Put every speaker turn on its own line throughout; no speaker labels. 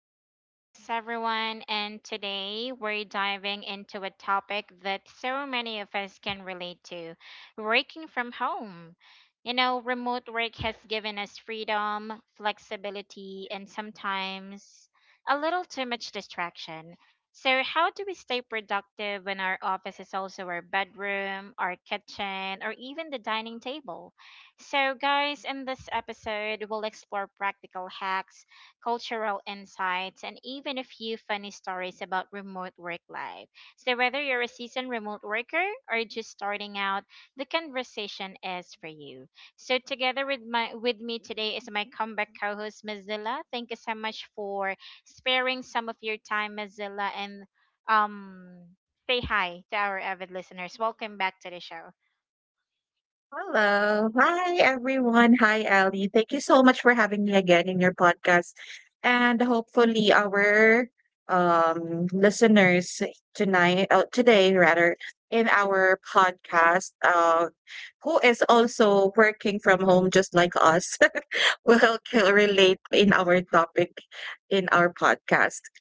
to our podcast, everyone. And today we're diving into a topic that so many of us can relate to: working from home. You know, remote work has given us freedom, flexibility, and sometimes a little too much distraction. So how do we stay productive when our office is also our bedroom, our kitchen, or even the dining table? So, guys, in this episode, we'll explore practical hacks, cultural insights, and even a few funny stories about remote work life. So whether you're a seasoned remote worker or just starting out, the conversation is for you. So, together with my with me today is my comeback co-host Mazilla. Thank you so much for sparing some of your time, Mazilla, and um, say hi to our avid listeners. Welcome back to the show.
Hello. Hi, everyone. Hi, Ali. Thank you so much for having me again in your podcast. And hopefully our listeners tonight, today rather, in our podcast, who is also working from home just like us will relate in our topic in our podcast.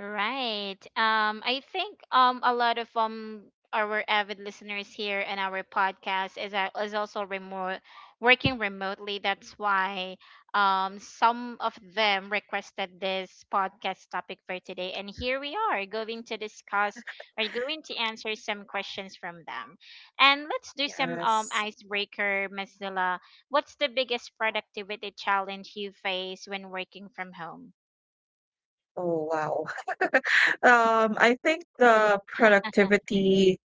Right. I think a lot of our avid listeners here and our podcast is also remote working remotely. That's why some of them requested this podcast topic for today, and here we are going to discuss or going to answer some questions from them. And let's do some
Yes.
icebreaker, Mazilla. What's the biggest productivity challenge you face when working from home?
Oh, wow. I think the productivity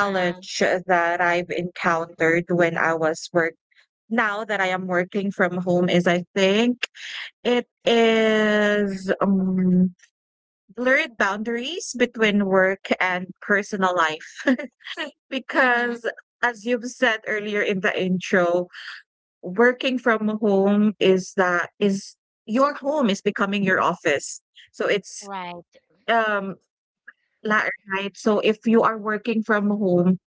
Uh
that I've encountered when I was work now that I am working from home is, I think, it is blurred boundaries between work and personal life
huh.
because, as you've said earlier in the intro, working from home is, that is your home is becoming your office. So it's,
Right,
um La right. So if you are working from home,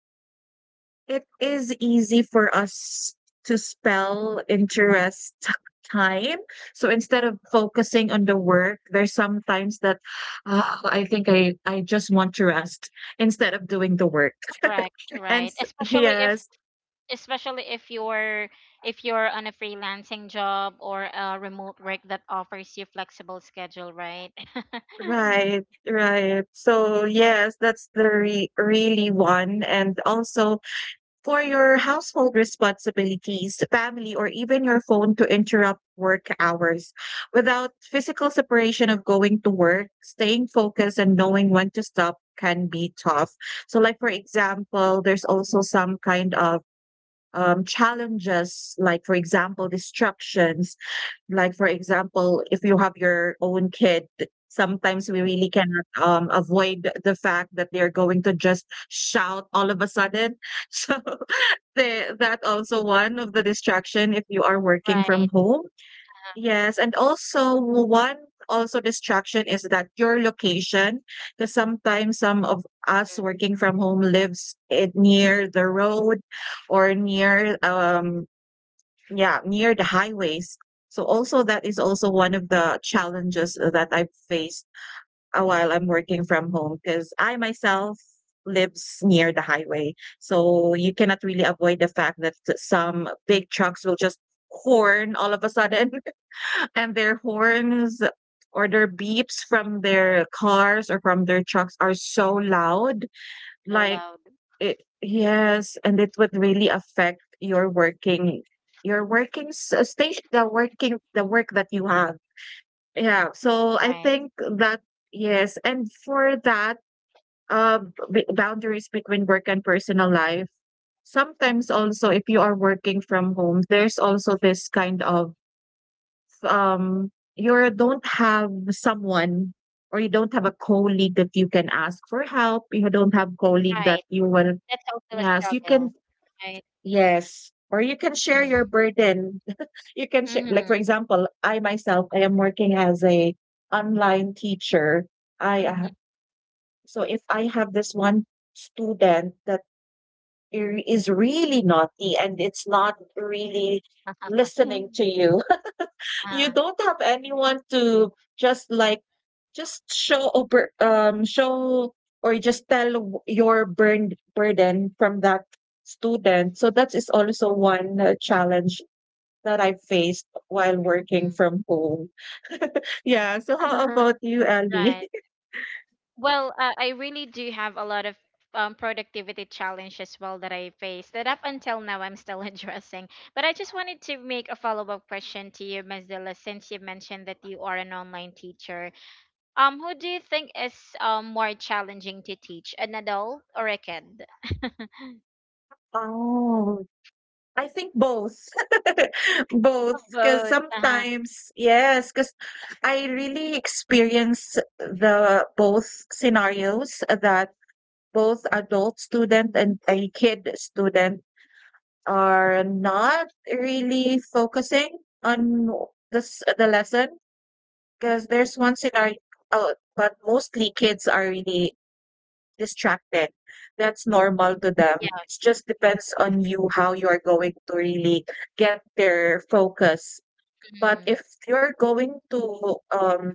it is easy for us to spell interest time. So instead of focusing on the work, there's sometimes that, "Ah, I think I just want to rest instead of doing the work."
correct,
And
right.
yes,
Especially if you're on a freelancing job or a remote work that offers you flexible schedule, right?
right, right. So yes, that's the re really one. And also for your household responsibilities, family, or even your phone to interrupt work hours. Without physical separation of going to work, staying focused and knowing when to stop can be tough. So, like for example, there's also some kind of challenges, like for example, distractions. Like for example, if you have your own kid, sometimes we really cannot avoid the fact that they're going to just shout all of a sudden. So that also one of the distraction if you are working from
Right.
home. Yes, and also one, also distraction is that your location, because sometimes some of us
Mm.
working from home lives it near the road or near yeah, near the highways. So also that is also one of the challenges that I've faced, while I'm working from home, because I myself lives near the highway. So you cannot really avoid the fact that some big trucks will just horn all of a sudden and their horns or their beeps from their cars or from their trucks are so loud,
So
like
loud.
it, yes, and it would really affect your working, your working s- station the working the work that you have, yeah, so I
Right.
think that, yes. And for that, uh, boundaries between work and personal life. Sometimes also, if you are working from home, there's also this kind of, um, you don't have someone, or you don't have a colleague that you can ask for help. You don't have colleague
Right.
that you will,
That's also a
yes, you
struggle.
can,
Right.
yes. Or you can share
Mm-hmm.
your burden. You can share, like for
Mm-hmm.
example, I myself, I am working as a online teacher. I
Mm-hmm.
So if I have this one student that is really naughty and it's not really listening to you. You
uh,
don't have anyone to just, like, just show over show or just tell w- your burned burden from that student. So that is also one, challenge that I faced while working
mhm.
from home. Yeah. So how about you, Ellie?
Right. Well, I really do have a lot of productivity challenge as well that I face that up until now I'm still addressing. But I just wanted to make a follow-up question to you, Ms. Dilla, since you mentioned that you are an online teacher. Who do you think is more challenging to teach, an adult or a kid?
Oh, I think both.
Oh,
Both. 'Cause
both. Uh-huh.
sometimes, yes, 'cause I really experience the both scenarios that both adult student and a kid student are not really focusing on this the lesson. 'Cause there's one scenario, oh, but mostly kids are really distracted. That's normal to them.
Yeah.
It just
Yes.
depends on you how you are going to really get their focus. But
Mm.
if you're going to um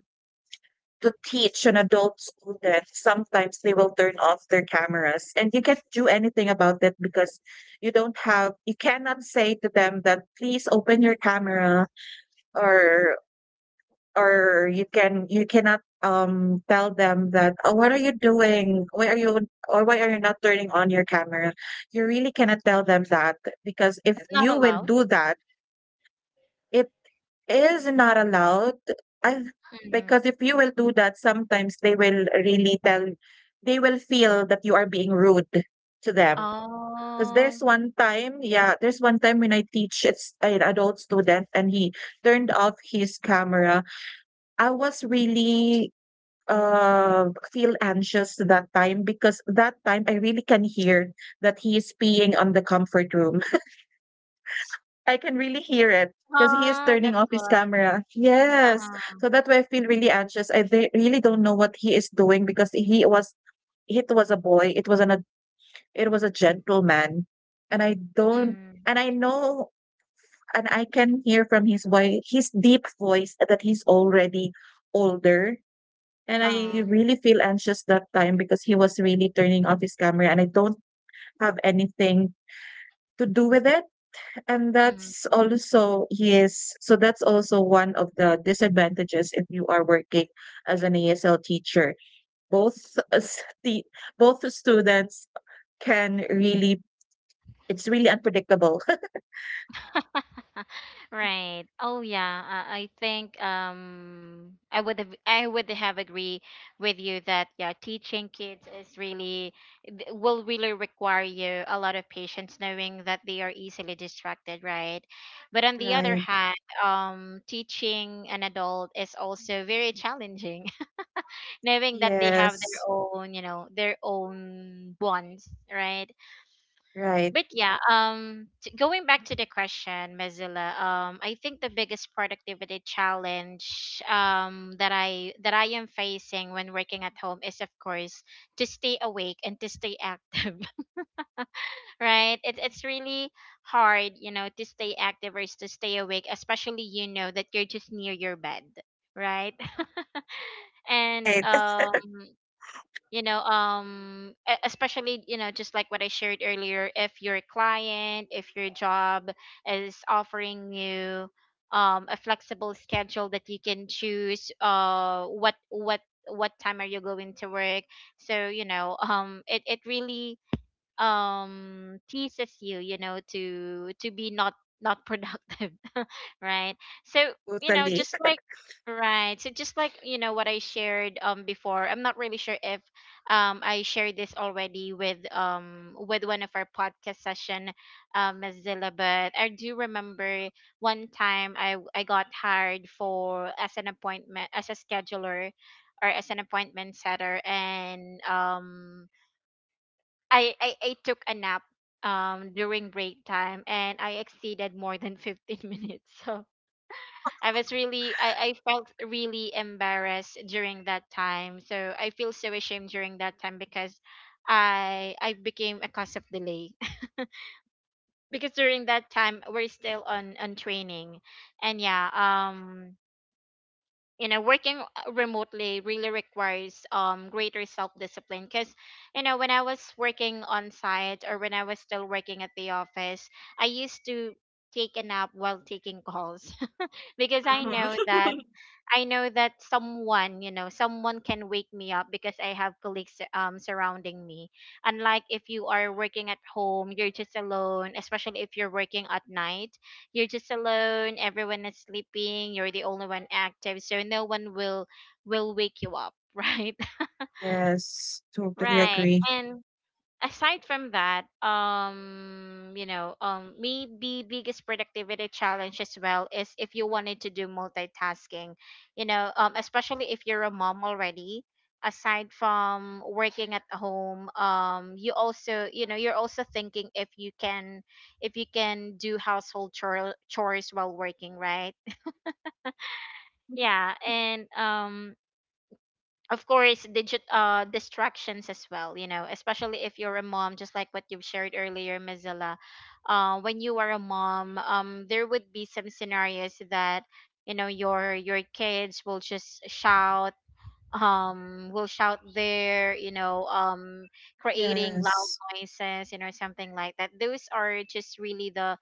to teach an adult student, sometimes they will turn off their cameras and you can't do anything about it, because you don't have you cannot say to them that, "Please open your camera," or or you cannot tell them that, "Oh, what are you doing? Why are you not turning on your camera?" You really cannot tell them that, because if
It's not
you will
allowed.
do that, it is not allowed. I
Mm.
Because if you will do that, sometimes they will feel that you are being rude to them. Because
Oh.
there's one time, yeah, there's one time when I teach, it's an adult student, and he turned off his camera. I was really, feel anxious that time, because that time I really can hear that he is peeing on the comfort room. I can really hear it because he is
Ah,
turning
that's
off his
why.
camera. Yes.
Uh-huh.
So that's why I feel really anxious. I They really don't know what he is doing, because he was, it was a boy. It was an ad- it was a gentleman. And I don't
Mm.
and I know, and I can hear from his deep voice, that he's already older. And
Uh.
I really feel anxious that time because he was really turning off his camera and I don't have anything to do with it. And
Mm-hmm.
that's also, yes, so that's also one of the disadvantages if you are working as an ASL teacher. Both, both students can really, it's really unpredictable.
Right. Oh yeah. I think I would have agree with you that yeah, teaching kids is really will really require you a lot of patience knowing that they are easily distracted, right? But on the other
Right.
hand, teaching an adult is also very challenging, knowing that they have their
Yes.
own, you know, their own wants, right?
Right.
But yeah, going back to the question, mozilla I think the biggest productivity challenge that I am facing when working at home is, of course, to stay awake and to stay active. Right, it's really hard, you know, to stay active or to stay awake, especially, you know, that you're just near your bed, right? And
Right.
you know, especially, you know, just like what I shared earlier, if your client, if your job is offering you a flexible schedule that you can choose what time are you going to work, so you know, it really teases you, you know, to be not productive. Right, so you know,
Totally.
just like right. So just like, you know, what I shared before, I'm not really sure if I shared this already with one of our podcast session, mozilla but I do remember one time I got hired for as an appointment, as a scheduler or as an appointment setter, and I took a nap during break time and I exceeded more than 15 minutes. So I was really, I felt really embarrassed during that time. So I feel so ashamed during that time because I became a cause of delay. Because during that time we're still on training. And yeah, you know, working remotely really requires greater self discipline, because you know, when I was working on site, or when I was still working at the office, I used to take a nap while taking calls, because I
Mhm.
know that I know that someone, you know, someone can wake me up because I have colleagues surrounding me. Unlike if you are working at home, you're just alone, especially if you're working at night. You're just alone, everyone is sleeping, you're the only one active, so no one will wake you up, right?
Yes. Totally
Right.
agree.
And aside from that, you know, maybe biggest productivity challenge as well is if you wanted to do multitasking, you know, especially if you're a mom already. Aside from working at home, you also, you know, you're also thinking if you can do chores while working, right? Yeah, and of course, digit distractions as well, you know, especially if you're a mom, just like what you've shared earlier, mozilla When you are a mom, there would be some scenarios that, you know, your kids will just shout, will shout there you know, creating loud
Yes,
noises, you know, something like that. Those are just really the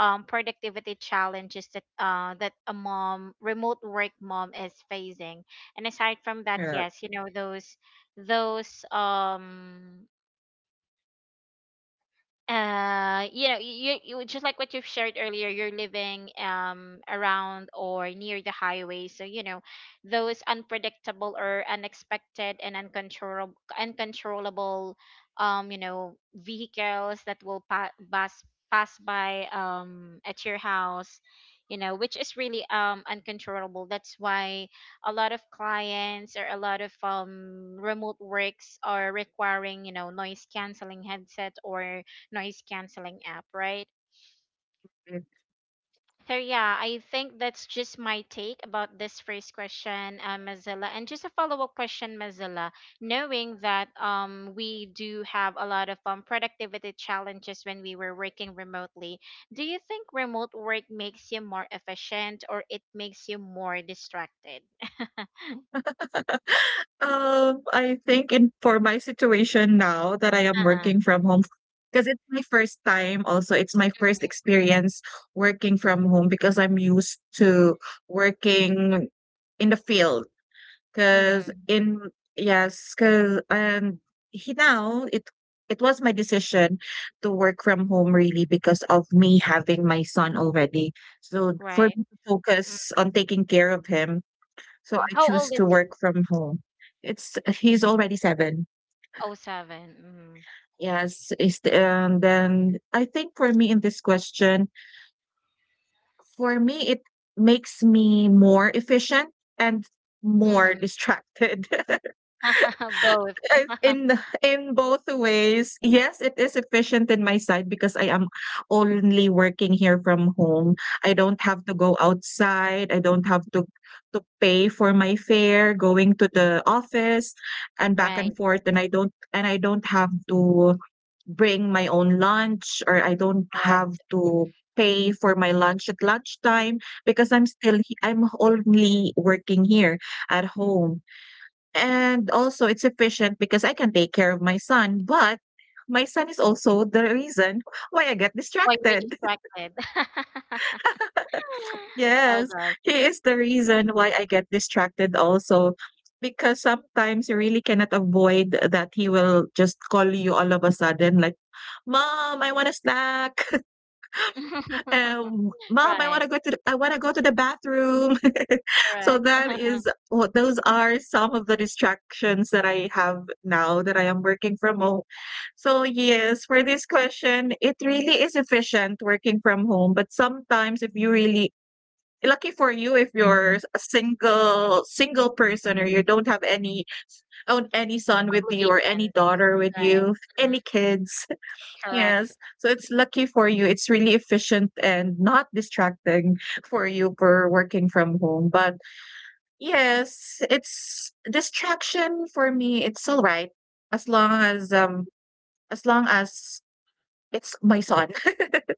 productivity challenges that that a mom remote work mom is facing. And aside from that,
sure.
yes, you know, those you know, you just like what you've shared earlier, you're living around or near the highway, so you know, those unpredictable or unexpected and uncontrollable, you know, vehicles that will pass by at your house, you know, which is really uncontrollable. That's why a lot of clients or a lot of remote works are requiring, you know, noise canceling headset or noise canceling app, right?
Mm.
So yeah, I think that's just my take about this first question, Mozilla, and just a follow up question, Mozilla. Knowing that we do have a lot of productivity challenges when we were working remotely, do you think remote work makes you more efficient or it makes you more distracted?
I think, in for my situation now that I am
Uh-huh.
working from home, because it's my first time also, it's my first
Mm-hmm.
experience working from home, because I'm used to working in the field. 'Cause
Mm-hmm.
in Yes, 'cause he now it was my decision to work from home, really, because of me having my son already. So, for
Right.
me to focus on taking care of him, so
Mm-hmm.
I
How
choose
old is
to
he?
work from home. It's he's already seven.
Oh, seven.
Yes, is the and then I think for me, in this question, for me, it makes me more efficient and more
Mm-hmm.
distracted.
Mm-hmm.
I've
Both.
in both ways, yes, it is efficient in my side because I am only working here from home. I don't have to go outside. I don't have to pay for my fare going to the office and back and
Right.
forth. And I don't have to bring my own lunch, or I don't have
Right.
to pay for my lunch at lunchtime, because I'm still, I'm only working here at home. And also it's efficient because I can take care of my son, but my son is also the reason why I get
While you're
distracted.
distracted. Oh
Yes,
gosh.
he is the reason why I get distracted also, because sometimes you really cannot avoid that he will just call you all of a sudden, like, "Mom, I want a snack." Mom,
Right.
I want to go to the, bathroom. So
Correct.
that is what those are some of the distractions that I have now that I am working from home. So yes, for this question, it really is efficient working from home, but sometimes, if you really lucky for you if you're a single person, or you don't have any son with you or
Obligations.
any daughter with
Right.
you,
Mm,
any kids.
correct.
Yes. So it's lucky for you. It's really efficient and not distracting for you for working from home. But yes, it's distraction for me. It's all right, as long as um as long as it's my son.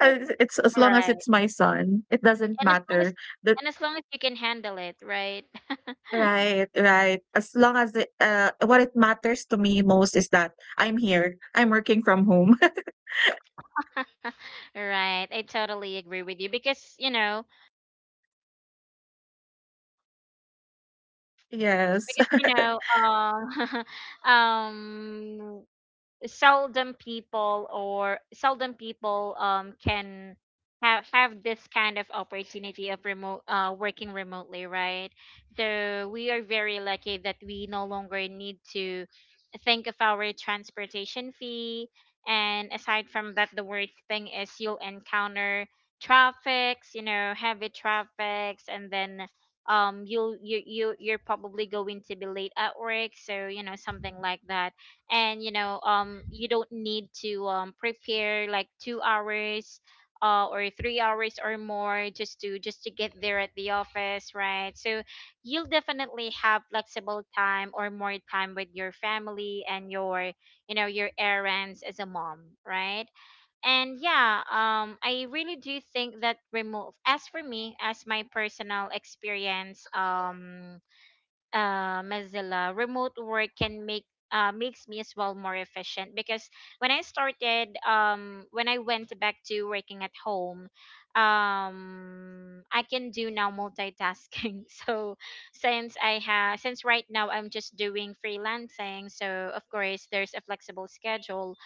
It's as long as
Right.
it's my son. It doesn't
And as long as
matter. That
you can handle it, right?
Right, right. As long as it, what it matters to me most is that I'm here. I'm working from home.
Right. I totally agree with you
Yes.
because you know, um um seldom people can have this kind of opportunity of remote working remotely, right? So we are very lucky that we no longer need to think of our transportation fee. And aside from that, the worst thing is you'll encounter traffics, you know, heavy traffics, and then you'll you, you're probably going to be late at work, so you know, something like that. And you know, you don't need to prepare like 2 hours or 3 hours or more just to get there at the office, right? So you'll definitely have flexible time or more time with your family and your, you know, your errands as a mom, right? And yeah, I really do think that remove, as for me, as my personal experience, Mozilla, remote work can make makes me as well more efficient, because when I started, when I went back to working at home, I can do now multitasking. So since I have, since right now I'm just doing freelancing, so of course there's a flexible schedule.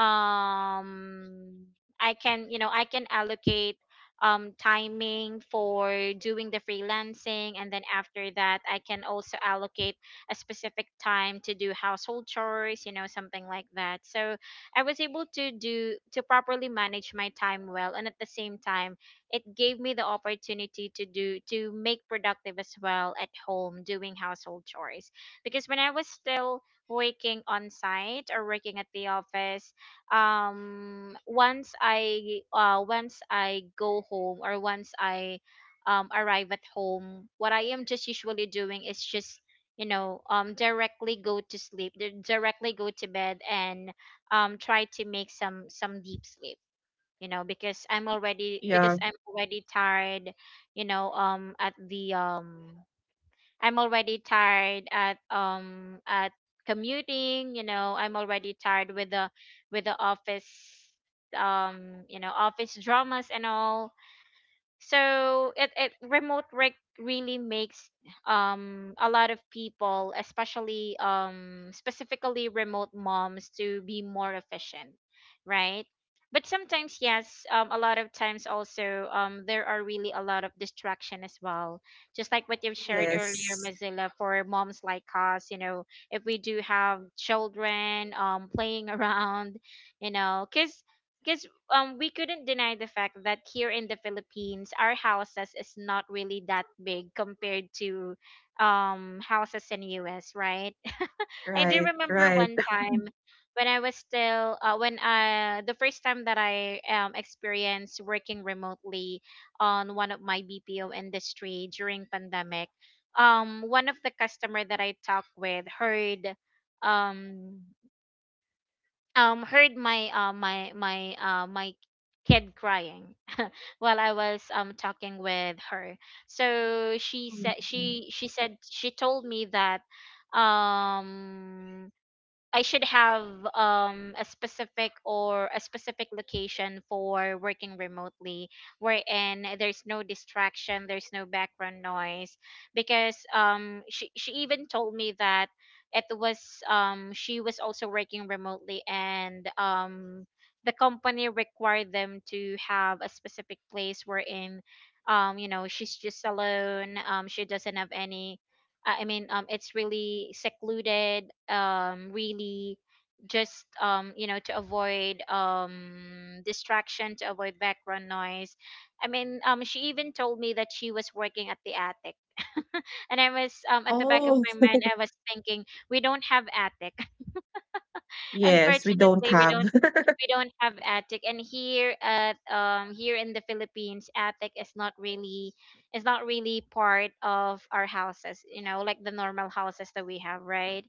Um, I can, you know, I can allocate timing for doing the freelancing. And then after that, I can also allocate a specific time to do household chores, you know, something like that. So I was able to do, to properly manage my time well. And at the same time, it gave me the opportunity to do, to make productive as well at home doing household chores. Because when I was still working on site or working at the office, once I go home, or once I arrive at home, what I am just usually doing is just directly go to sleep, directly go to bed, and try to make some deep sleep, you know, because i'm already because
Yeah.
i'm already tired, you know at the I'm already tired at, commuting, you know, I'm already tired with the office, office dramas and all. So it remote work really makes a lot of people, especially specifically remote moms, to be more efficient, right? But sometimes, yes, a lot of times also, there are really a lot of distraction as well, just like what you've shared earlier,
Yes.
Mozilla. For moms like us, if we do have children playing around, you know because we couldn't deny the fact that here in the Philippines, our houses is not really that big compared to houses in US, right? I do
Right,
remember
right.
one time, when I, the first time that I experienced working remotely on one of my BPO industry during pandemic. One of the customer that I talked with heard, um heard my my my my kid crying while I was talking with her. So she said
Mhm.
she she said she told me that um I should have a specific location for working remotely, wherein there's no distraction, there's no background noise, because she even told me that, it was she was also working remotely, and the company required them to have a specific place wherein, she's just alone, she doesn't have any... I mean, it's really secluded. Really, just, to avoid distraction, to avoid background noise. I mean, she even told me that she was working at the attic, and I was at the back of
Oh,
my mind, I was thinking we don't have attic.
yes, we don't
Unfortunately,
have.
we don't have attic, and here in the Philippines, attic is not really part of our houses, you know, like the normal houses that we have, right?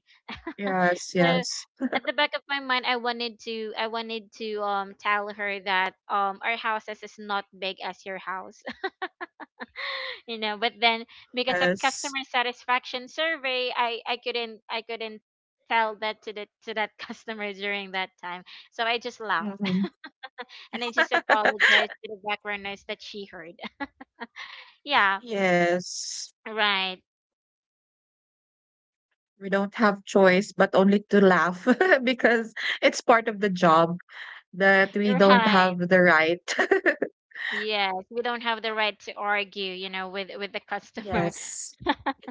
Yes,
So
yes,
at the back of my mind, I wanted to tell her that our houses is not big as your house, you know, but then, because of
yes.
customer satisfaction survey, I couldn't tell that to the to that customer during that time, so I just laughed
Mhm.
and I just apologize to the background noise that she heard. Yeah.
Yes,
Right,
we don't have choice but only to laugh because it's part of the job that we don't
right.
have the right.
Yes, we don't have the right to argue, with the customer.
Yes,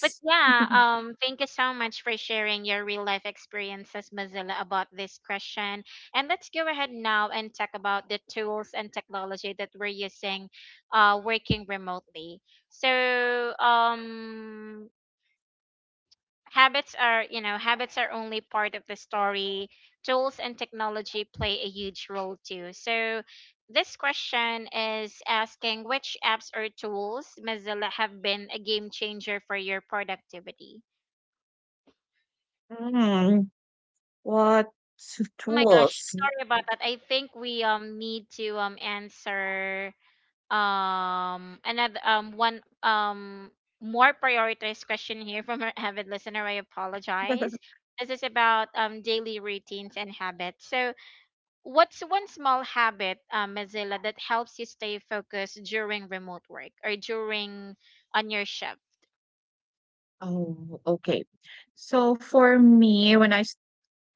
But yeah, thank you so much for sharing your real life experiences, Mozilla, about this question. And let's go ahead now and talk about the tools and technology that we're using, working remotely. So, habits are only part of the story. Tools and technology play a huge role too. So this question is asking which apps or tools, Mozilla, have been a game changer for your productivity.
Mm, what
Oh my gosh,
tools?
sorry about that. I think we need to answer another one more prioritized question here from our avid listener. I apologize. This is about daily routines and habits. So, what's one small habit, Mozilla, that helps you stay focused during remote work or during on your shift?
Oh, okay. So for me, when I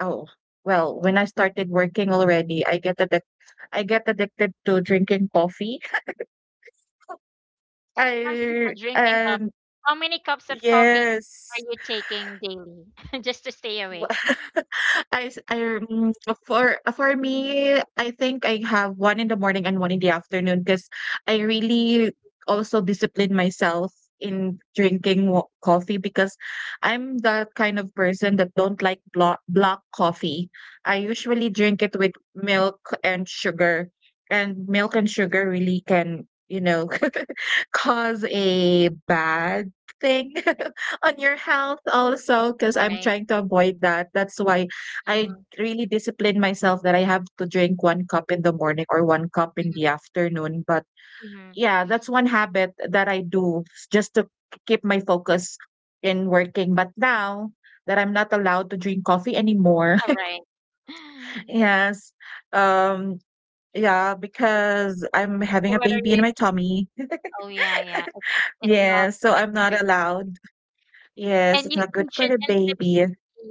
oh, well, when I started working already, I get addic I get addicted to drinking coffee. I
Drinking
and
coffee. How many cups of coffee are
Yes.
you taking daily just to stay
Wha
awake?
I s I mm, for me, I think I have one in the morning and one in the afternoon, because I really also discipline myself in drinking wa coffee because I'm the kind of person that don't like block coffee. I usually drink it with milk and sugar, and milk and sugar really can, cause a bad thing on your health also, because I'm
Right.
trying to avoid that. That's why I
Mm-hmm.
really discipline myself that I have to drink one cup in the morning or one cup in
Mm-hmm.
the afternoon. But
Mm-hmm.
yeah, that's one habit that I do just to keep my focus in working. But now that I'm not allowed to drink coffee anymore,
All right.
yes, um, yeah, because I'm having
So
a
what are
baby in
you?
my tummy.
Oh yeah, yeah. It's not
Yes, so
good
I'm
for the
not
baby.
allowed. Yes,
And
it's
you,
not good
you
for
should
the
instead...
baby.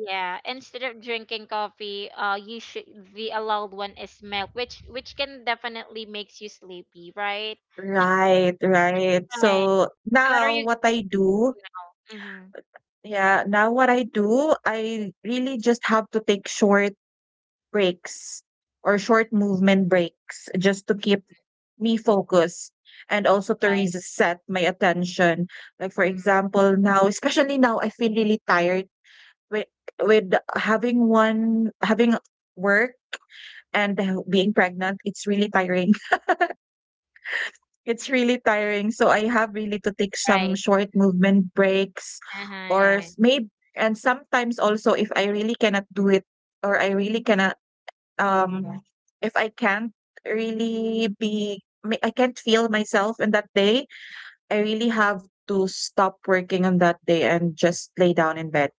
Yeah, instead of drinking coffee, you should... the allowed one is milk, which can definitely makes you sleepy, right?
Right, right.
Right.
So
So what are
now
you
what I do,
now? Mm-hmm.
yeah, now what I do, I really just have to take short breaks or short movement breaks just to keep me focused and also to
Right.
reset my attention. Like for
Mm-hmm.
example, now, especially now, I feel really tired with with having work and being pregnant. It's really tiring. It's really tiring, so I have really to take some
Right.
short movement breaks
Uh-huh,
or
yeah.
s may and sometimes also if I really cannot do it or I really cannot, um if I can't really be me I can't feel myself in that day, I really have to stop working on that day and just lay down in bed.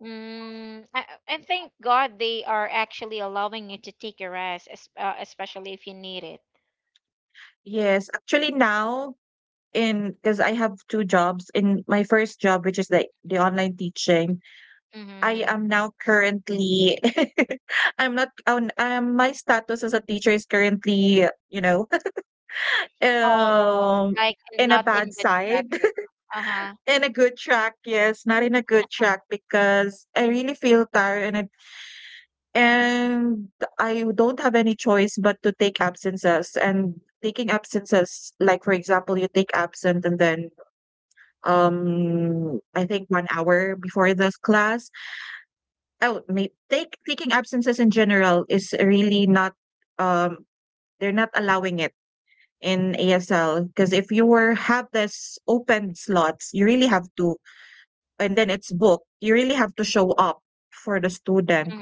Mm, I thank God they are actually allowing you to take a rest, especially if you need it.
Yes, actually now in because I have 2 jobs. In my first job, which is the online teaching, I
Mm-hmm.
am now currently I'm not my status as a teacher is currently, you know,
Oh,
um,
like
in a
not in
bad
good
side,
status. Uh huh.
in a good track, yes, not in a good track because I really feel tired and I don't have any choice but to take absences, and taking absences, like for example, you take absent and then I think 1 hour before this class. Oh, may take taking absences in general is really not, um, they're not allowing it in ASL because if you were have this open slots, you really have to, and then it's booked, you really have to show up for the student.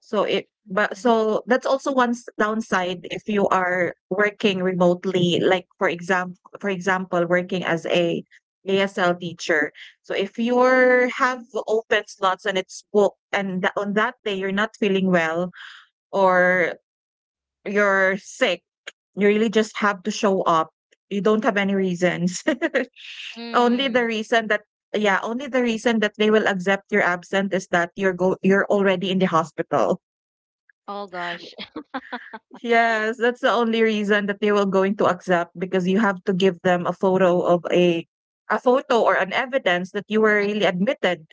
So it but
Mm-hmm.
so that's also one downside if you are working remotely, like for example, working as a ASL teacher. So if you are have open slots and it's booked, and on that day you're not feeling well or you're sick, you really just have to show up. You don't have any reasons. only the
Mm.
reason that yeah, only the reason that they will accept your absent is that you're already in the hospital.
Oh gosh.
Yes, that's the only reason that they will going to accept, because you have to give them a photo of a photo or an evidence that you were really admitted,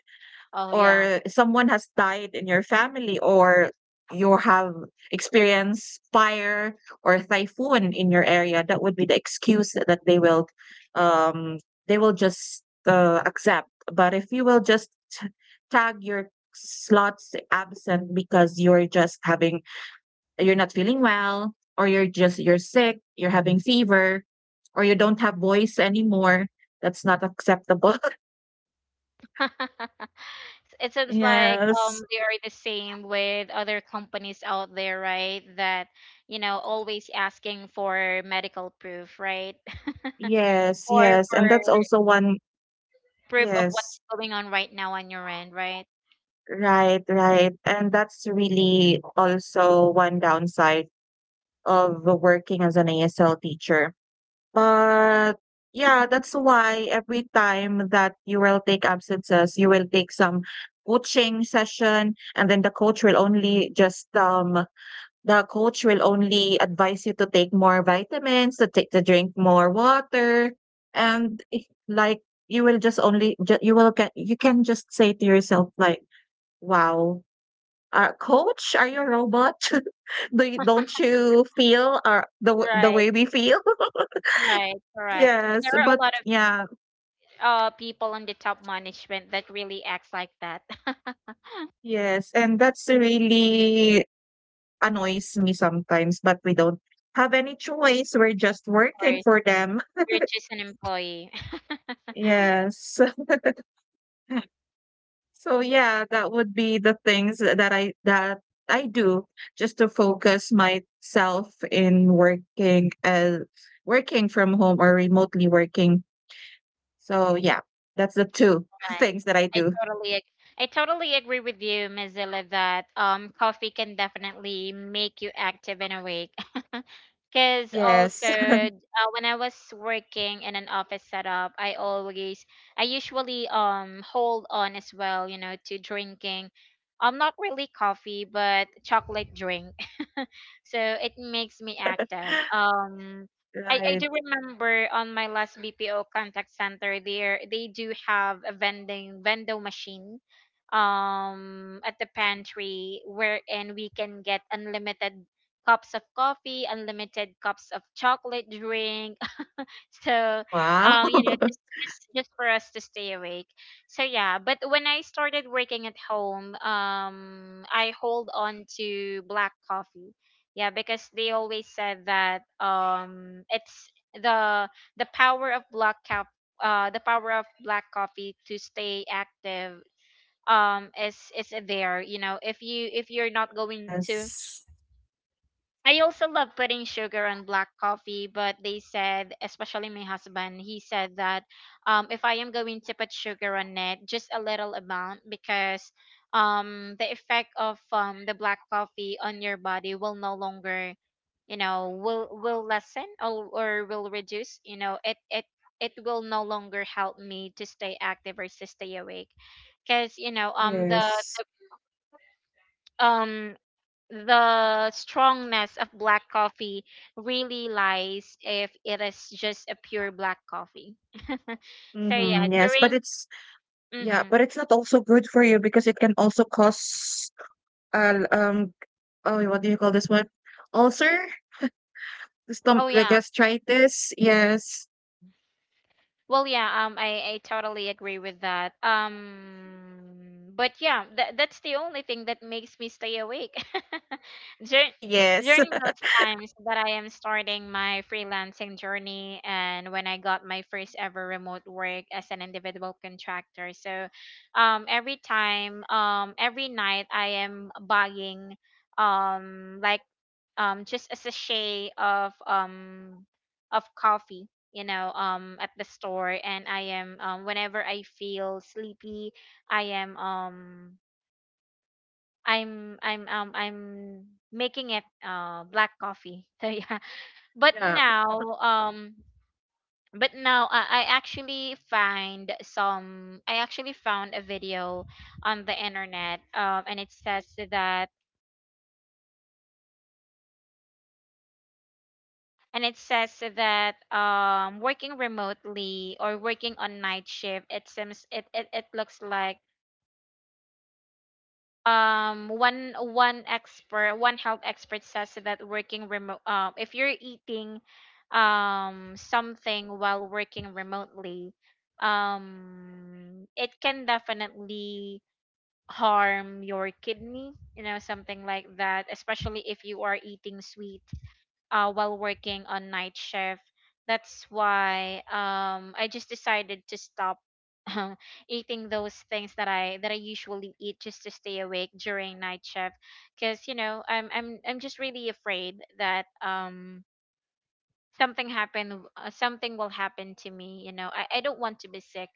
Oh yeah.
or someone has died in your family, or you have experienced fire or typhoon in your area. That would be the excuse that um they will just accept. But if you will just tag your slots absent because you're just having you're not feeling well, or you're sick, you're having fever, or you don't have voice anymore, that's not acceptable.
It seems like
yes
they are the same with other companies out there, right? That always asking for medical proof, right?
yes,
Or
yes, and
for
that's also one.
proof of
Yes,
what's going on right now on your end, right?
right, right, and that's really also one downside of working as an ASL teacher, but yeah, that's why every time that you will take absences, you will take some coaching session, and then the coach will only just the coach will only advise you to take more vitamins, to take to drink more water, and if like you will just only ju you will get you can just say to yourself like, "Wow, coach, are you a robot? Do you, don't you feel the
Right,
way we feel?"
right, correct. There
Yes,
are a
but
lot of
yeah,
people on the top management that really acts like that.
yes, and that's really annoys me sometimes, but we don't have any choice. We're just working
Or
for them.
you're just an employee.
Yes. So yeah, that would be the things that I do just to focus myself in working as working from home or remotely working. So yeah, that's the two
Right.
things that I
I
do.
totally ag- I totally agree with you, Mozilla, that coffee can definitely make you active and awake. Because also,
Yes.
when I was working in an office setup, I usually hold on as well, you know, to drinking. Not really coffee, but chocolate drink, so it makes me active. I
Right.
do remember on my last BPO contact center, there they do have a vending vendor machine at the pantry wherein we can get unlimited cups of coffee, unlimited cups of chocolate drink, so
Wow.
just, just just for us to stay awake. So yeah, but when I started working at home, I hold on to black coffee. Yeah, because they always said that, it's the power of black cap the power of black coffee to stay active, is there, you know, if you're not going to...
Yes.
I also love putting sugar on black coffee, but they said, especially my husband, he said that, if I am going to put sugar on it, just a little amount, because the effect of, the black coffee on your body will no longer, you know, will lessen, or will reduce. You know, it will no longer help me to stay active or to stay awake because,
Yes.
um the strongness of black coffee really lies if it is just a pure black coffee. So yeah,
Hmm, yes, but
during...
it's yeah,
Hmm.
but it's not also good for you because it can also cause uh, um oh, what do you call this one? Ulcer? Stom
Oh
the
yeah.
gastritis, yes.
Well, yeah, I totally agree with that. But yeah, that's the only thing that makes me stay awake. During
Yes.
During those times that I am starting my freelancing journey, and when I got my first ever remote work as an individual contractor. So, every night I am buying um like just a sachet of coffee, at the store, and I am whenever I feel sleepy, I am I'm I'm making it, black coffee. So yeah, but
Yeah.
now, um I actually found a video on the internet, and it says that, working remotely or working on night shift, it seems, it looks like one health expert says that, working remote if you're eating something while working remotely, it can definitely harm your kidney, you know, something like that, especially if you are eating sweet, while working on night shift. That's why, I just decided to stop um, eating those things that I usually eat just to stay awake during night shift. Because, you know, I'm just really afraid that, something will happen to me. You know, I don't want to be sick,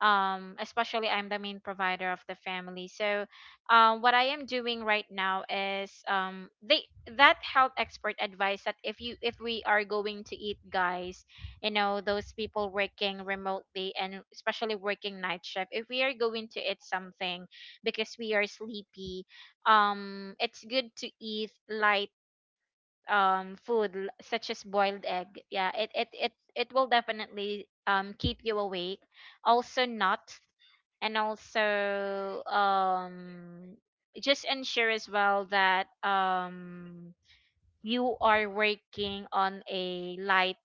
especially I'm the main provider of the family, so what I am doing right now is, they that health expert advice that, if we are going to eat, guys, you know, those people working remotely, and especially working night shift, if we are going to eat something because we are sleepy, it's good to eat light food, such as boiled egg. Yeah, it will definitely keep you awake. Also nuts, and also, just ensure as well that, you are working on a light,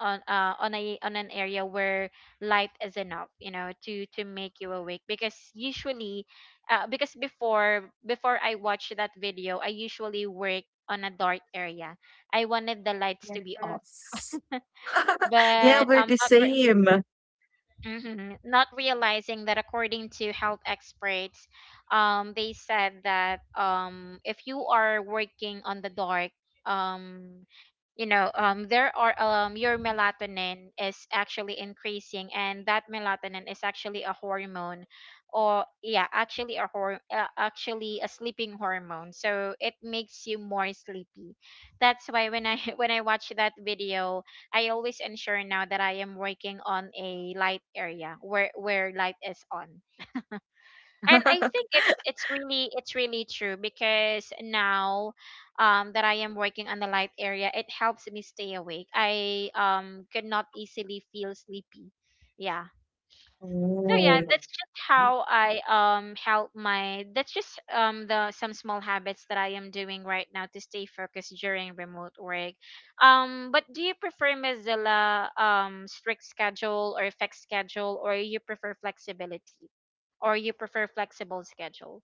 on an area where light is enough, you know, to make you awake, because usually, because before I watch that video, I usually work on a dark area. I wanted the lights to be off,
Yes. Yeah,
but
we're
I'm
the
not...
same.
Not realizing that, according to health experts, they said that, if you are working on the dark, um, there are your melatonin is actually increasing, and that melatonin is actually a hormone, or yeah, actually actually a sleeping hormone. So it makes you more sleepy. That's why when I when I watch that video, I always ensure now that I am working on a light area where light is on. And I think it's really true because now, that I am working on the light area, it helps me stay awake. I could not easily feel sleepy. Yeah, so yeah,
Oh.
that's just, the some small habits that I am doing right now to stay focused during remote work. But do you prefer, Mozilla, strict schedule or fixed schedule, or you prefer flexibility or you prefer flexible schedule?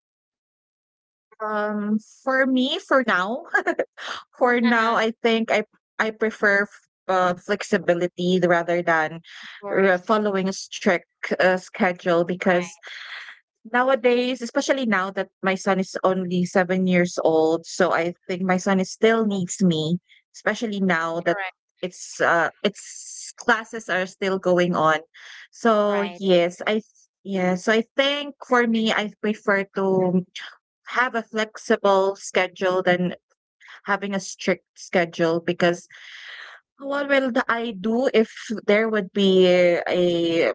Um, for me, for now, for now,
Uh-huh.
I think I prefer flexibility rather than
Of course.
following a strict schedule because
Right.
nowadays, especially now that my son is only 7 years old, so I think my son is still needs me, especially now that
Correct.
it's, its classes are still going on. So
Right.
yes, I th yeah, so I think for me, I prefer to have a flexible schedule than having a strict schedule, because what will the I do if there would be a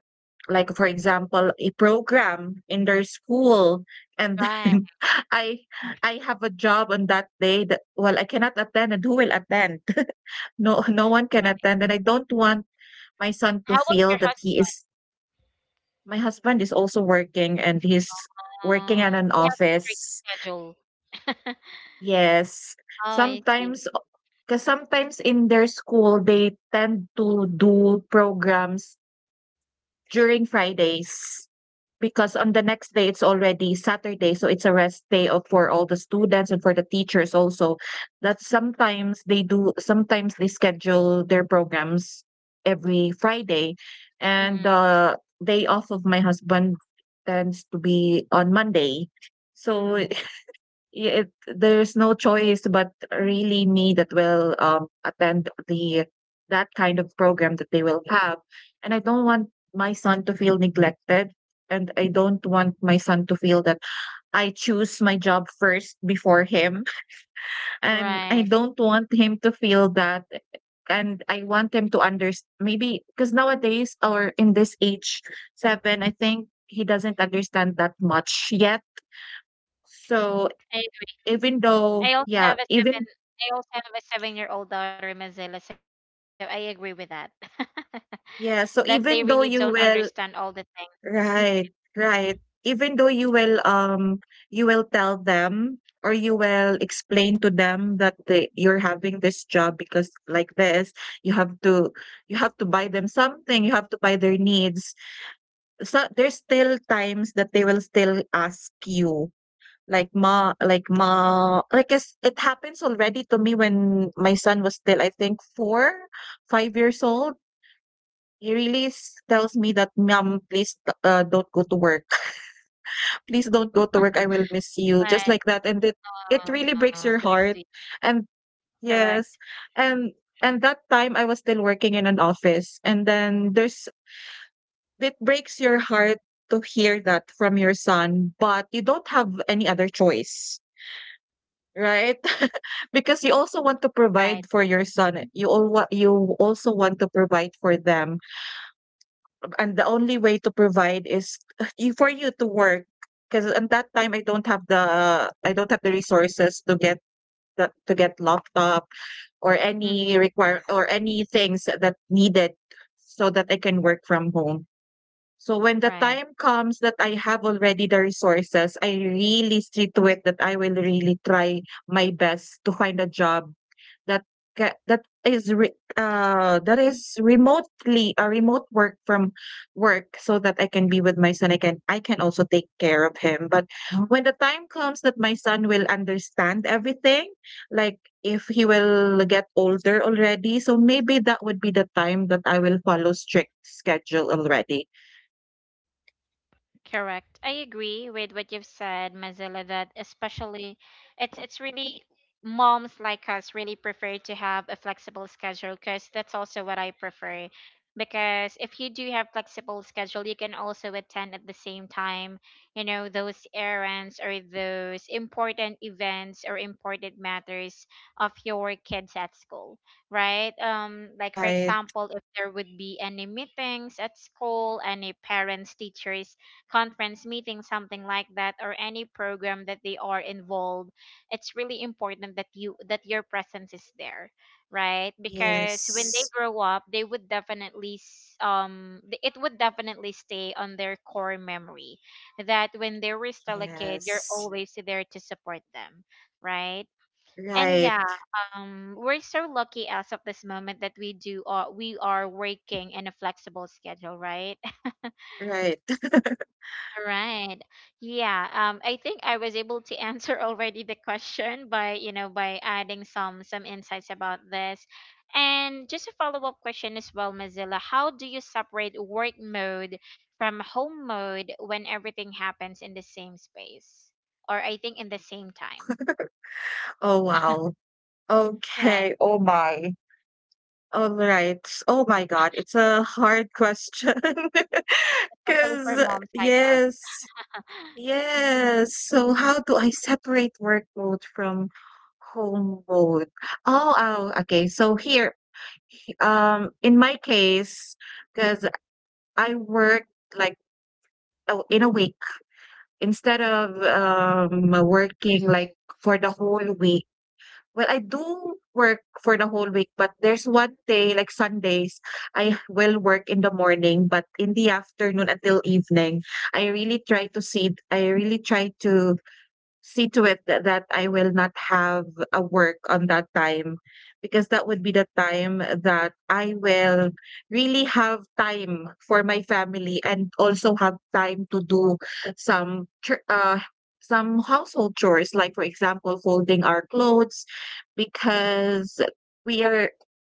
like, for example, a program in their school, and
Right.
then I I have a job on that day that well, I cannot attend, and who will attend? No, no one can attend, and I don't want my son to
How about
feel
your
that
husband?
he is. My husband is also working, and he's working at an
He has a strict
office.
schedule.
Yes.
Oh, I see.
Sometimes, because sometimes in their school they tend to do programs during Fridays, because on the next day it's already Saturday, so it's a rest day of for all the students and for the teachers also. That sometimes they do, sometimes they schedule their programs every Friday, and
Mhm.
the day off of my husband tends to be on Monday. So
Mm.
I it there's no choice but really me that will, attend the that kind of program that they will have, and I don't want my son to feel neglected, and I don't want my son to feel that I choose my job first before him, and I
Right.
don't want him to feel that, and I want him to understand maybe because nowadays or in this age, 7, I think he doesn't understand that much yet. So,
I
even though
I also
yeah,
have a seven
even
I also have a 7-year old daughter, Mozilla, so I agree with that. That they
yeah,
really
so
don't
even though you
understand all the
will
things.
right, right. Even though you will tell them or you will explain to them that they, you're having this job, because like this, you have to you have to buy them something, you have to buy their needs. So there's still times that they will still ask you like it's, it happens already to me when my son was still I think four, 5 years old. He really s tells me that, "Mom, please, don't go to work. Please don't go to work. I will miss you," just
Right.
like that, and it really breaks
Oh,
your
so
heart,
sweet.
and yes,
Correct.
and and that time I was still working in an office, and then there's it breaks your heart to hear that from your son, but you don't have any other choice, right? Because you also want to provide
Right.
for your son, you all alwa you also want to provide for them. And the only way to provide is you for you to work, because at that time I don't have the resources to get to get laptop or any
Mm-hmm.
require or any things that needed so that I can work from home. So when the
Right.
time comes that I have already the resources, I really see to it that I will really try my best to find a job that ca- that is re- that is remotely a remote work from work so that I can be with my son. I can also take care of him. But when the time comes that my son will understand everything, like if he will get older already, so maybe that would be the time that I will follow strict schedule already.
Correct. I agree with what you've said, Mazilla, that especially it's really moms like us really prefer to have a flexible schedule because that's also what I prefer. Because if you do have flexible schedule, you can also attend at the same time, you know, those errands or those important events or important matters of your kids at school, right? Like for
Right.
example, if there would be any meetings at school, any parents, teachers conference meeting, something like that, or any program that they are involved, it's really important that your presence is there, right? Because when they
Yes.
grow up, they would definitely it would definitely stay on their core memory that when they were still a kid, you're
Yes.
always there to support them, right? And yeah,
Right.
we're so lucky as of this moment that we are working in a flexible schedule, right?
Right.
All right. Yeah. I think I was able to answer already the question by, you know, by adding some insights about this. And just a follow-up question as well, Mozilla. How do you separate work mode from home mode when everything happens in the same space? Or I think in the same time.
Oh wow.
Right.
Okay. Oh my. All right. Oh my God. It's a hard question.
Especially for
Because,
moms like us.
yes. Yes. So how do I separate work mode from home mode? Oh, oh, okay. So here, in my case, because I work like in a week instead of working like for the whole week. Well, I do work for the whole week, but there's one day, like Sundays, I will work in the morning, but in the afternoon until evening, I really try to see, I really try to see to it that I will not have a work on that time, because that would be the time that I will really have time for my family and also have time to do some some household chores, like for example folding our clothes, because we are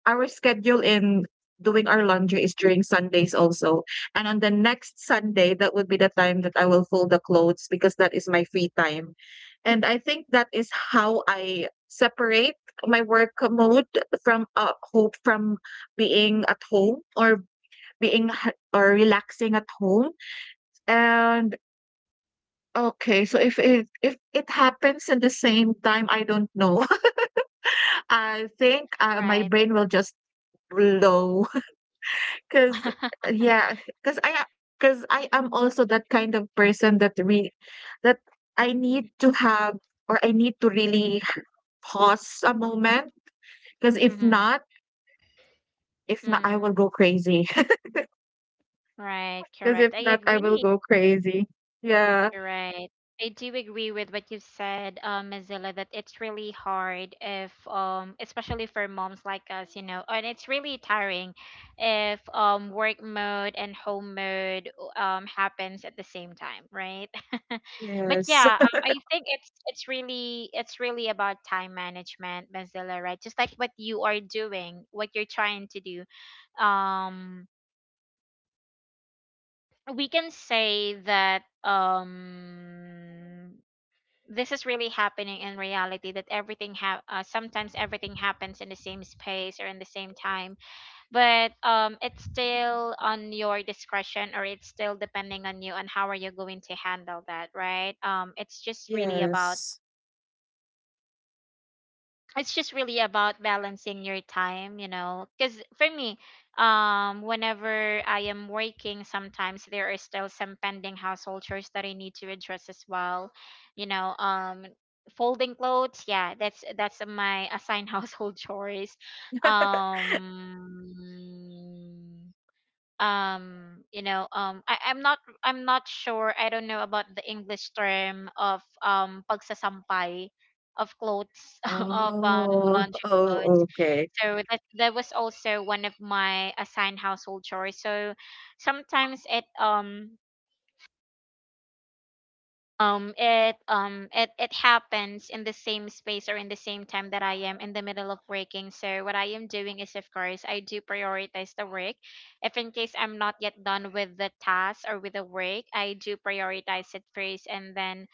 our schedule in doing our laundry is during Sundays also, and on the next Sunday that would be the time that I will fold the clothes, because that is my free time, and I think that is how I separate my work mode from hope from being at home or relaxing at home. And okay, so if it happens in the same time, I don't know. I think my
Right.
brain will just blow because yeah, because I am also that kind of person that I need to have or I need to really pause a moment. Because
Mm-hmm.
if not, I will
Mm.
go crazy.
Right.
Because
Correct.
if
I
not, I will
agree.
go crazy. Yeah.
Right. I do agree with what you said, Mozilla, that it's really hard if, especially for moms like us, you know, and it's really tiring if work mode and home mode happens at the same time, right? But
Yes.
yeah, I think it's really about time management, Mozilla, right? Just like what you are doing, what you're trying to do. Um, we can say that this is really happening in reality that sometimes everything happens in the same space or in the same time, but it's still on your discretion or it's still depending on you and how are you going to handle that, right? It's just really about
Yes.
it's just really about balancing your time, you know. Because for me, whenever I am working, sometimes there are still some pending household chores that I need to address as well. You know, folding clothes, yeah, that's my assigned household chores. Um, you know, um, I'm not sure, I don't know about the English term of pagsasampay of clothes, of
Oh.
laundry clothes,
Oh. Okay.
so that was also one of my assigned household chores, so sometimes it happens in the same space or in the same time that I am in the middle of working. So what I am doing is, of course, I do prioritize the work. If in case I'm not yet done with the task or with the work, I do prioritize it first, and then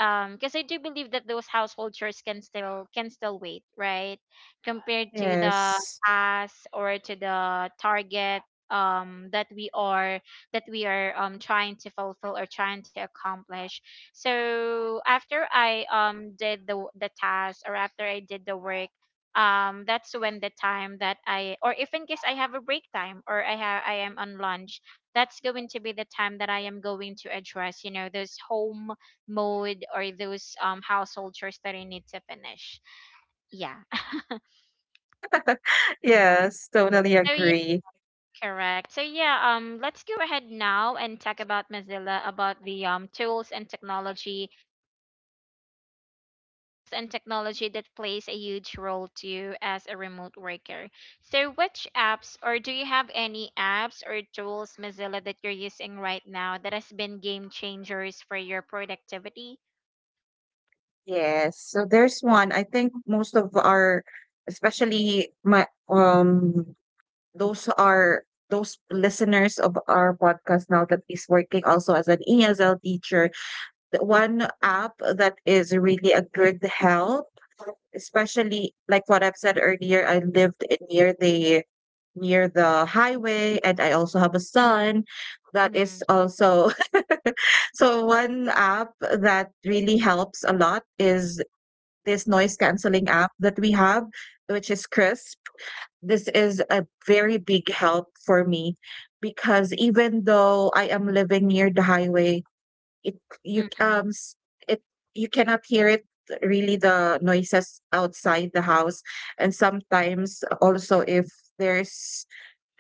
because I do believe that those household chores can still wait, right? Compared to the
Yes.
task or to the target that we are trying to fulfill or trying to accomplish. So after I did the task or after I did the work, that's when the time that I or if in case I have a break time or I am on lunch, that's going to be the time that I am going to address, you know, those home mode or those household chores that I need to finish. Yeah.
Yes. Totally
So yeah,
agree.
correct. So yeah, let's go ahead now and talk about, Mozilla, about the tools and technology that plays a huge role to you as a remote worker. So which apps, or do you have any apps or tools, Mozilla, that you're using right now that has been game changers for your productivity?
Yes. So there's one. I think most of our, especially my those are those listeners of our podcast now that is working also as an ESL teacher. One app that is really a good help, especially like what I've said earlier, I lived in near the highway, and I also have a
Mm-hmm,
son that is
mm-hmm,
also so one app that really helps a lot is this noise canceling app that we have, which is Crisp. This is a very big help for me because even though I am living near the highway, it you
mm-hmm,
um s- it, you cannot hear it, really, the noises outside the house. And sometimes also if there's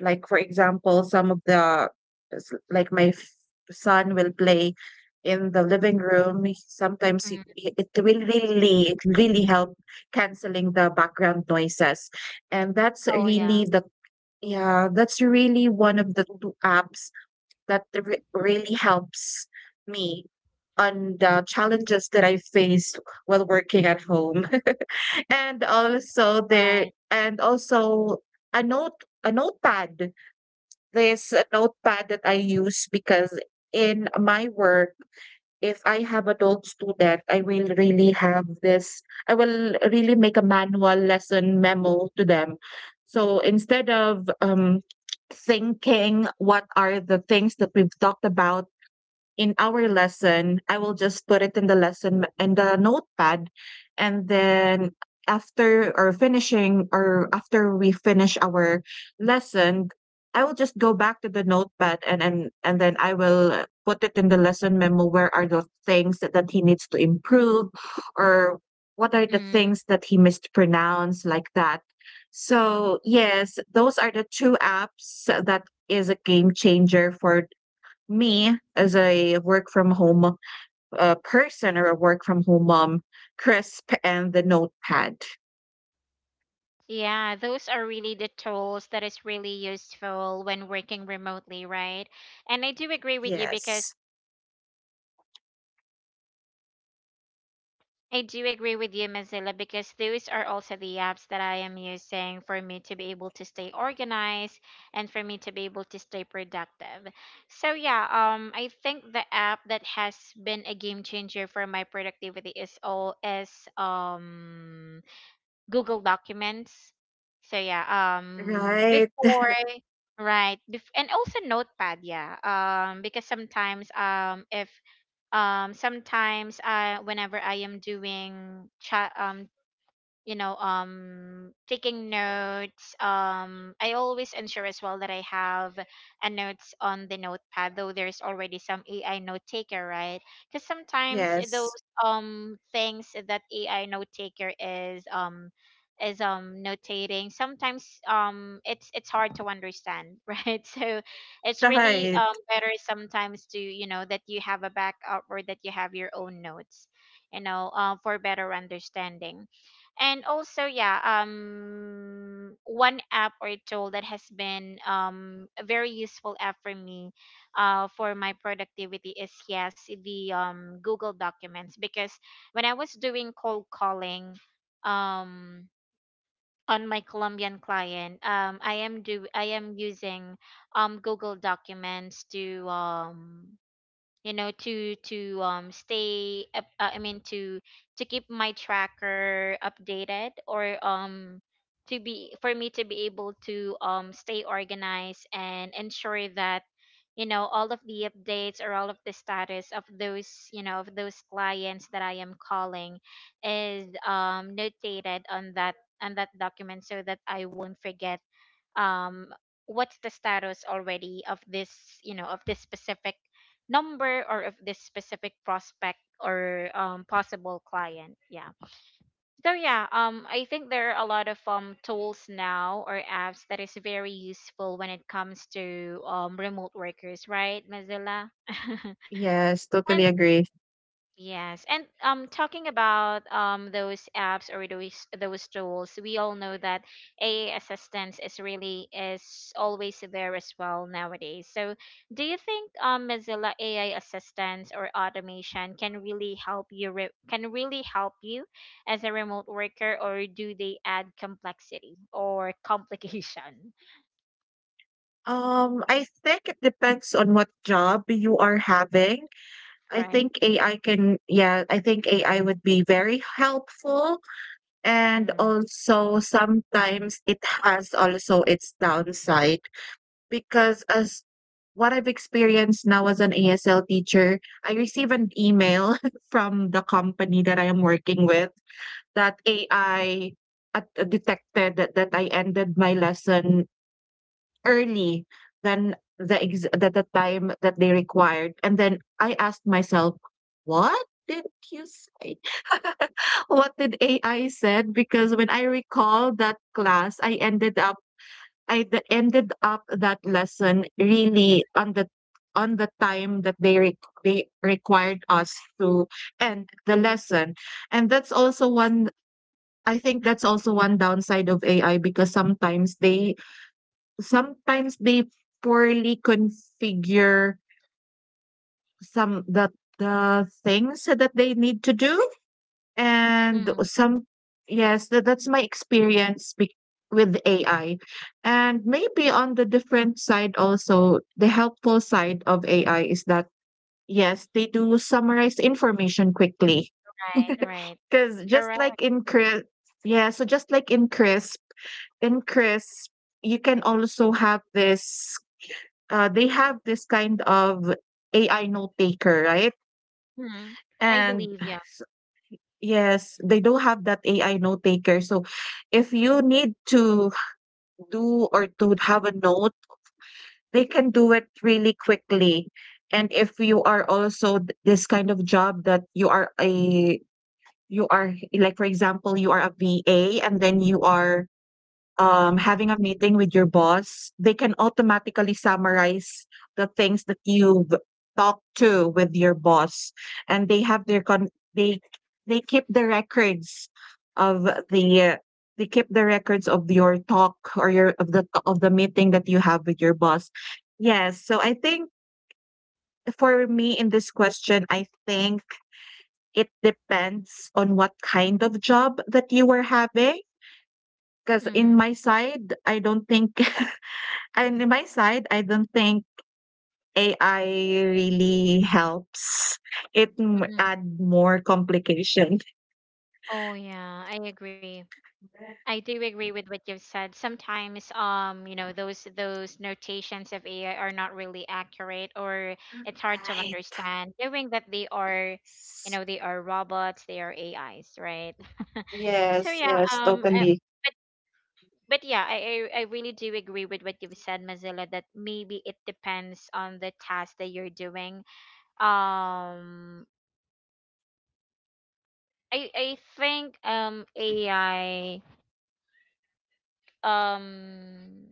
like for example some of the s- like my f- son will play in the living room,
mm-hmm.
it will really, it really help canceling the background noises. And
Oh
that's
yeah,
really the, yeah, that's really one of the two apps that really helps me on the challenges that I faced while working at home. And also
right.
there, and also a notepad. There's a notepad that I use because in my work, if I have a dog student, I will really have this, I will really make a manual lesson memo to them. So instead of thinking what are the things that we've talked about in our lesson, I will just put it in the lesson in the notepad, and then after or finishing or after we finish our lesson, I will just go back to the notepad, and then I will put it in the lesson memo. Where are the things that he needs to improve, or what are the
Mm-hmm.
things that he mispronounced, like that? So yes, those are the two apps that is a game changer for me as a work from home person, or a work from home mom, Crisp and the notepad.
Yeah, those are really the tools that is really useful when working remotely, right? And I do agree with you because
Yes.
I do agree with you, Mozilla, because those are also the apps that I am using for me to be able to stay organized and for me to be able to stay productive. So yeah, I think the app that has been a game changer for my productivity is Google Documents. So yeah, um
Right.
before right bef- and also notepad, yeah, because sometimes if sometimes whenever I am doing chat, you know, taking notes, I always ensure as well that I have a notes on the notepad, though there's already some AI note taker, right? Because sometimes those
Yes.
things that AI note taker is notating, sometimes it's hard to understand right, so it's really
Right.
better sometimes, to you know, that you have a backup or that you have your own notes, you know, for better understanding. And also, yeah, one app or tool that has been a very useful app for me for my productivity is, yes, the Google Documents, because when I was doing cold calling um on my Colombian client. I am using Google Documents to you know, to stay up, to keep my tracker updated, or to be, for me to be able to stay organized and ensure that, you know, all of the updates or all of the status of those, you know, of those clients that I am calling is notated on that, on that document, so that I won't forget um what's the status already of this, you know, of this specific number or of this specific prospect or, possible client, yeah. So yeah, I think there are a lot of tools now or apps that is very useful when it comes to remote workers, right, Mozilla? and
Yes, totally agree.
Yes, and talking about those apps or those tools, we all know that AI assistance is really, is always there as well nowadays. So do you think, Mozilla, AI assistance or automation can really help you can really help you as a remote worker, or do they add complexity or complication?
I think it depends on what job you are having. I
Right.
think AI can, yeah, I think AI would be very helpful. And
Mm.
also sometimes it has also its downside because as what I've experienced now as an ASL teacher, I receive an email from the company that I am working with that AI detected that I ended my lesson early than the that the time that they required. And then I asked myself, "What did you say? What did AI said?" Because when I recall that class, I ended up, ended up that lesson really on the time that they they required us to end the lesson. And that's also one. I think that's also one downside of AI, because sometimes they poorly configure some the things that they need to do and
Mm,
some, yes, that that's my experience bec with AI. And maybe on the different side also, the helpful side of AI is that, yes, they do summarize information quickly.
right. Right.
Because just
Correct.
like in Crisp, yeah, so just like in Crisp, you can also have this, they have this kind of AI note taker, right?
Mm. I
And
believe. Yeah.
yes, they do not have that AI note taker. So if you need to do or to have a note, they can do it really quickly. And if you are also this kind of job that you are a, you are, like for example, you are a VA, and then you are having a meeting with your boss, they can automatically summarize the things that you've talked to with your boss, and they have
Mm-hmm.
they they keep the records of the they keep the records of your talk, or your of the meeting that you have with your boss. Yes, so I think for me in this question, I think it depends on what kind of job that you were having. Because
Mm-hmm.
in my side, I don't think, and in my side, I don't think AI really helps. It add more complication.
Oh yeah, I agree. I do agree with what you've said. Sometimes, you know, those notations of AI are not really accurate, or it's hard to
Right.
understand, knowing that they are, you
Yes.
know, they are robots, they are AIs, right? So
Yes.
yeah,
Yes. Totally.
but but yeah, I really do agree with what you've said, Mozilla, that maybe it depends on the task that you're doing. Um, I think AI um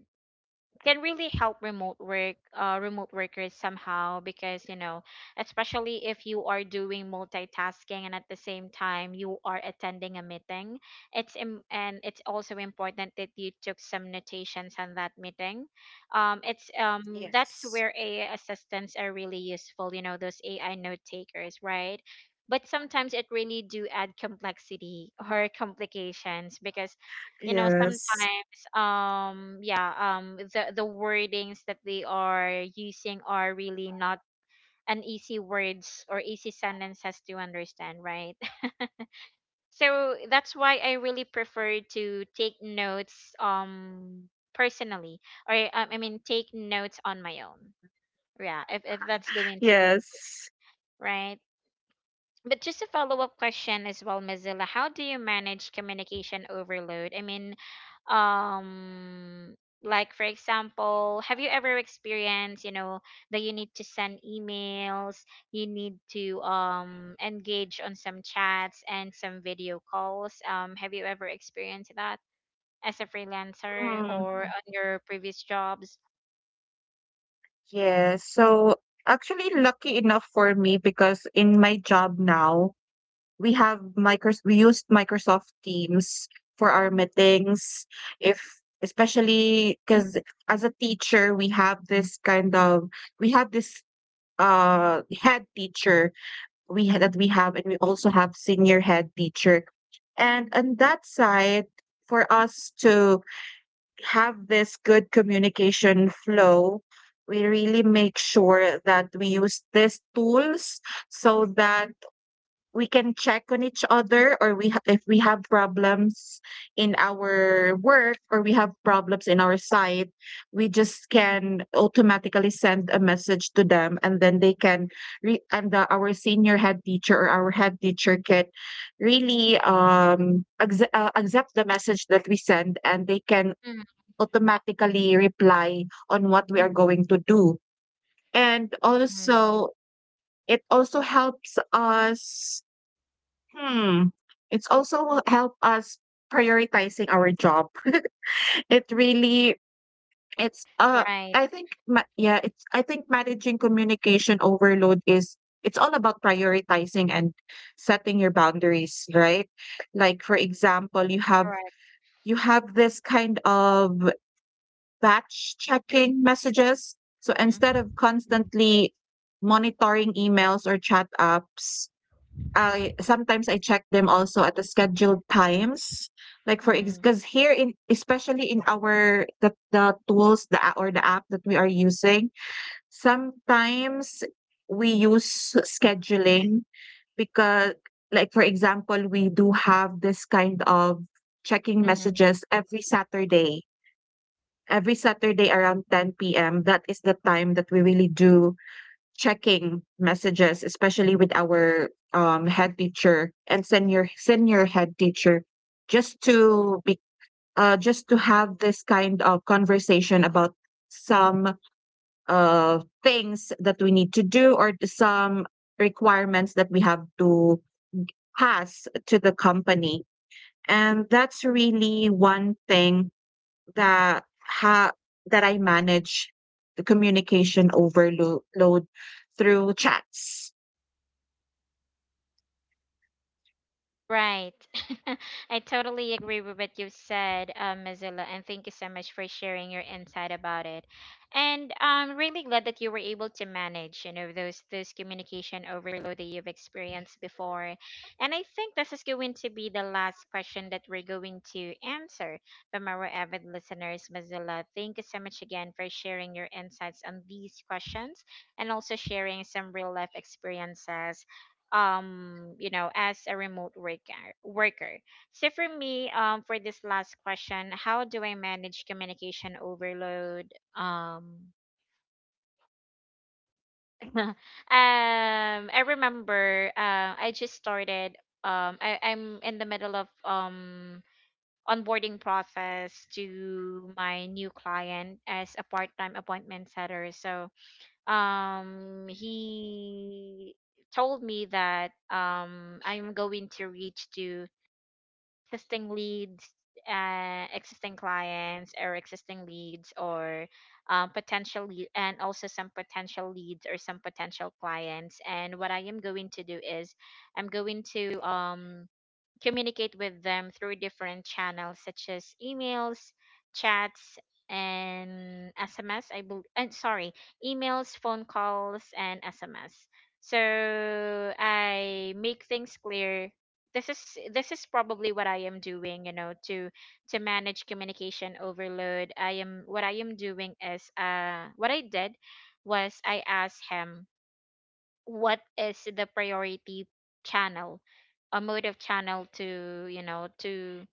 can really help remote work remote workers somehow, because, you know, especially if you are doing multitasking and at the same time you are attending a meeting, it's Im- and it's also important that you took some notations on that meeting. It's That's
Yes.
where AI assistants are really useful, you know, those AI note takers, right? But sometimes it really do add complexity or complications because, you know,
Yes.
sometimes yeah the wordings that they are using are really not an easy words or easy sentences to understand, right? So that's why I really prefer to take notes personally, or I mean, take notes on my own, yeah, if that's going to be the case,
Yes.
right? But just a follow-up question as well, Mozilla, how do you manage communication overload? I mean, um like for example, have you ever experienced, you know, that you need to send emails, you need to engage on some chats and some video calls? Have you ever experienced that as a freelancer
Mm,
or on your previous jobs?
yes. So actually, lucky enough for me, because in my job now, we have micros we used Microsoft Teams for our meetings, if, especially because as a teacher, we have this kind of, we have this head teacher, we had that we have, and we also have senior head teacher. And on that side, for us to have this good communication flow, we really make sure that we use these tools, so that we can check on each other, or if we have problems in our work, or we have problems in our site, we just can automatically send a message to them, and then they can and the, our senior head teacher or our head teacher can really accept the message that we send, and they can
Mm-hmm.
automatically reply on what we are going to do. And also it also helps us. Hmm. It's also will help us prioritizing our job. It really, it's uh,
Right.
I think yeah, it's, I think managing communication overload is, it's all about prioritizing and setting your boundaries, right? Like for example, you have,
Correct.
you have this kind of batch checking messages. So instead of constantly monitoring emails or chat apps, I sometimes I check them also at the scheduled times. Like for ex, because here in, especially in our, the tools, the or the app that we are using, sometimes we use scheduling, because like for example, we do have this kind of checking
Mm-hmm.
messages every Saturday. Every Saturday around 10 p.m. That is the time that we really do checking messages, especially with our head teacher and senior head teacher, just to be just to have this kind of conversation about some things that we need to do, or some requirements that we have to pass to the company. And that's really one thing that ha- that I manage the communication overload through chats.
Right. I totally agree with what you've said, Mozilla, and thank you so much for sharing your insight about it. And I'm really glad that you were able to manage, you know, those communication overload that you've experienced before. And I think this is going to be the last question that we're going to answer from our avid listeners, Mozilla. Thank you so much again for sharing your insights on these questions and also sharing some real life experiences, you know, as a remote worker. So for me, for this last question, how do I manage communication overload? Um um I remember I just started I'm in the middle of onboarding process to my new client as a part-time appointment setter. So he told me that I'm going to reach to existing leads, existing clients or existing leads or potential lead, and also some potential leads or some potential clients. And what I am going to do is I'm going to communicate with them through different channels such as emails, chats, and SMS. I believe, and sorry, emails, phone calls, and SMS. So I make things clear. This is this is probably what I am doing, you know, to manage communication overload. I am what I am doing is what I did was I asked him what is the priority channel, a mode of channel, to you know,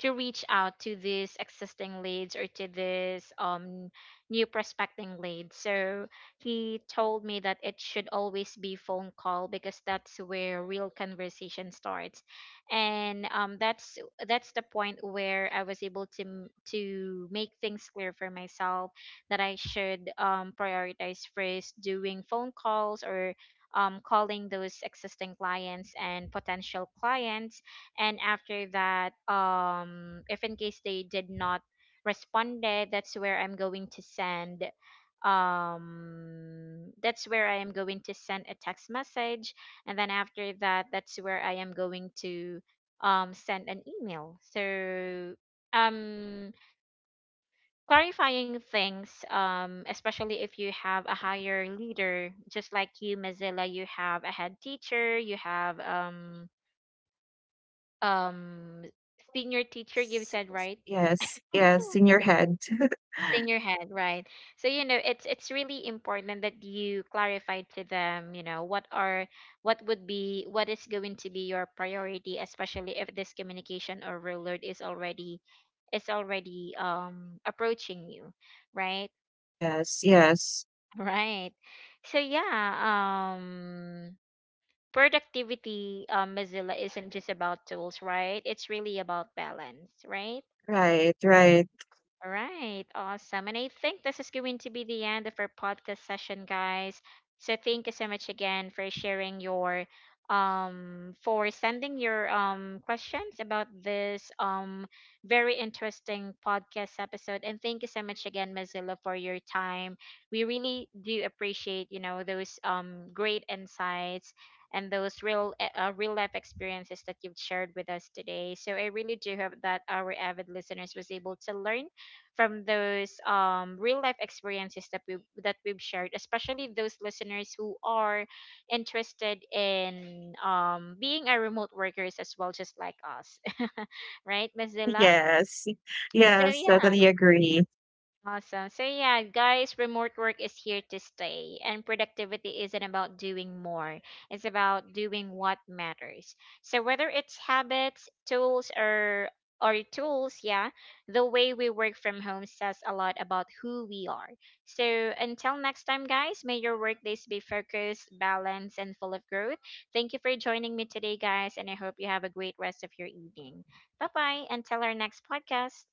to reach out to these existing leads or to this new prospecting lead. So he told me that it should always be phone call because that's where real conversation starts, and that's the point where I was able to to make things clear for myself that I should prioritize first doing phone calls, or calling those existing clients and potential clients, and after that if in case they did not responded, that's where I'm going to send that's where I am going to send a text message, and then after that, that's where I am going to send an email. So um clarifying things, especially if you have a higher leader, just like you, Mozilla, you have a head teacher, you have um senior teacher, you
S-
said, right?
Yes, yes, in your head.
Senior head, right? So you know, it's really important that you clarify to them, you know, what are what is going to be your priority, especially if this communication overload is already approaching you, right?
Yes, yes.
Right. So yeah, productivity, Mozilla, isn't just about tools, right? It's really about balance, right?
Right, right.
All right, awesome. And I think this is going to be the end of our podcast session, guys. So thank you so much again for sharing your for sending your questions about this very interesting podcast episode, and thank you so much again, Mozilla, for your time. We really do appreciate, you know, those great insights and those real life experiences that you've shared with us today. So I really do hope that our avid listeners was able to learn from those real life experiences that we that we've shared, especially those listeners who are interested in being a remote workers as well, just like us, right, Miss Zilla?
Yes.
So
Yes,
yeah,
totally agree.
awesome. So yeah, guys, remote work is here to stay, and productivity isn't about doing more. It's about doing what matters. So whether it's habits, tools, or tools, yeah, the way we work from home says a lot about who we are. So until next time, guys, may your workdays be focused, balanced, and full of growth. Thank you for joining me today, guys, and I hope you have a great rest of your evening. Bye bye. Until our next podcast.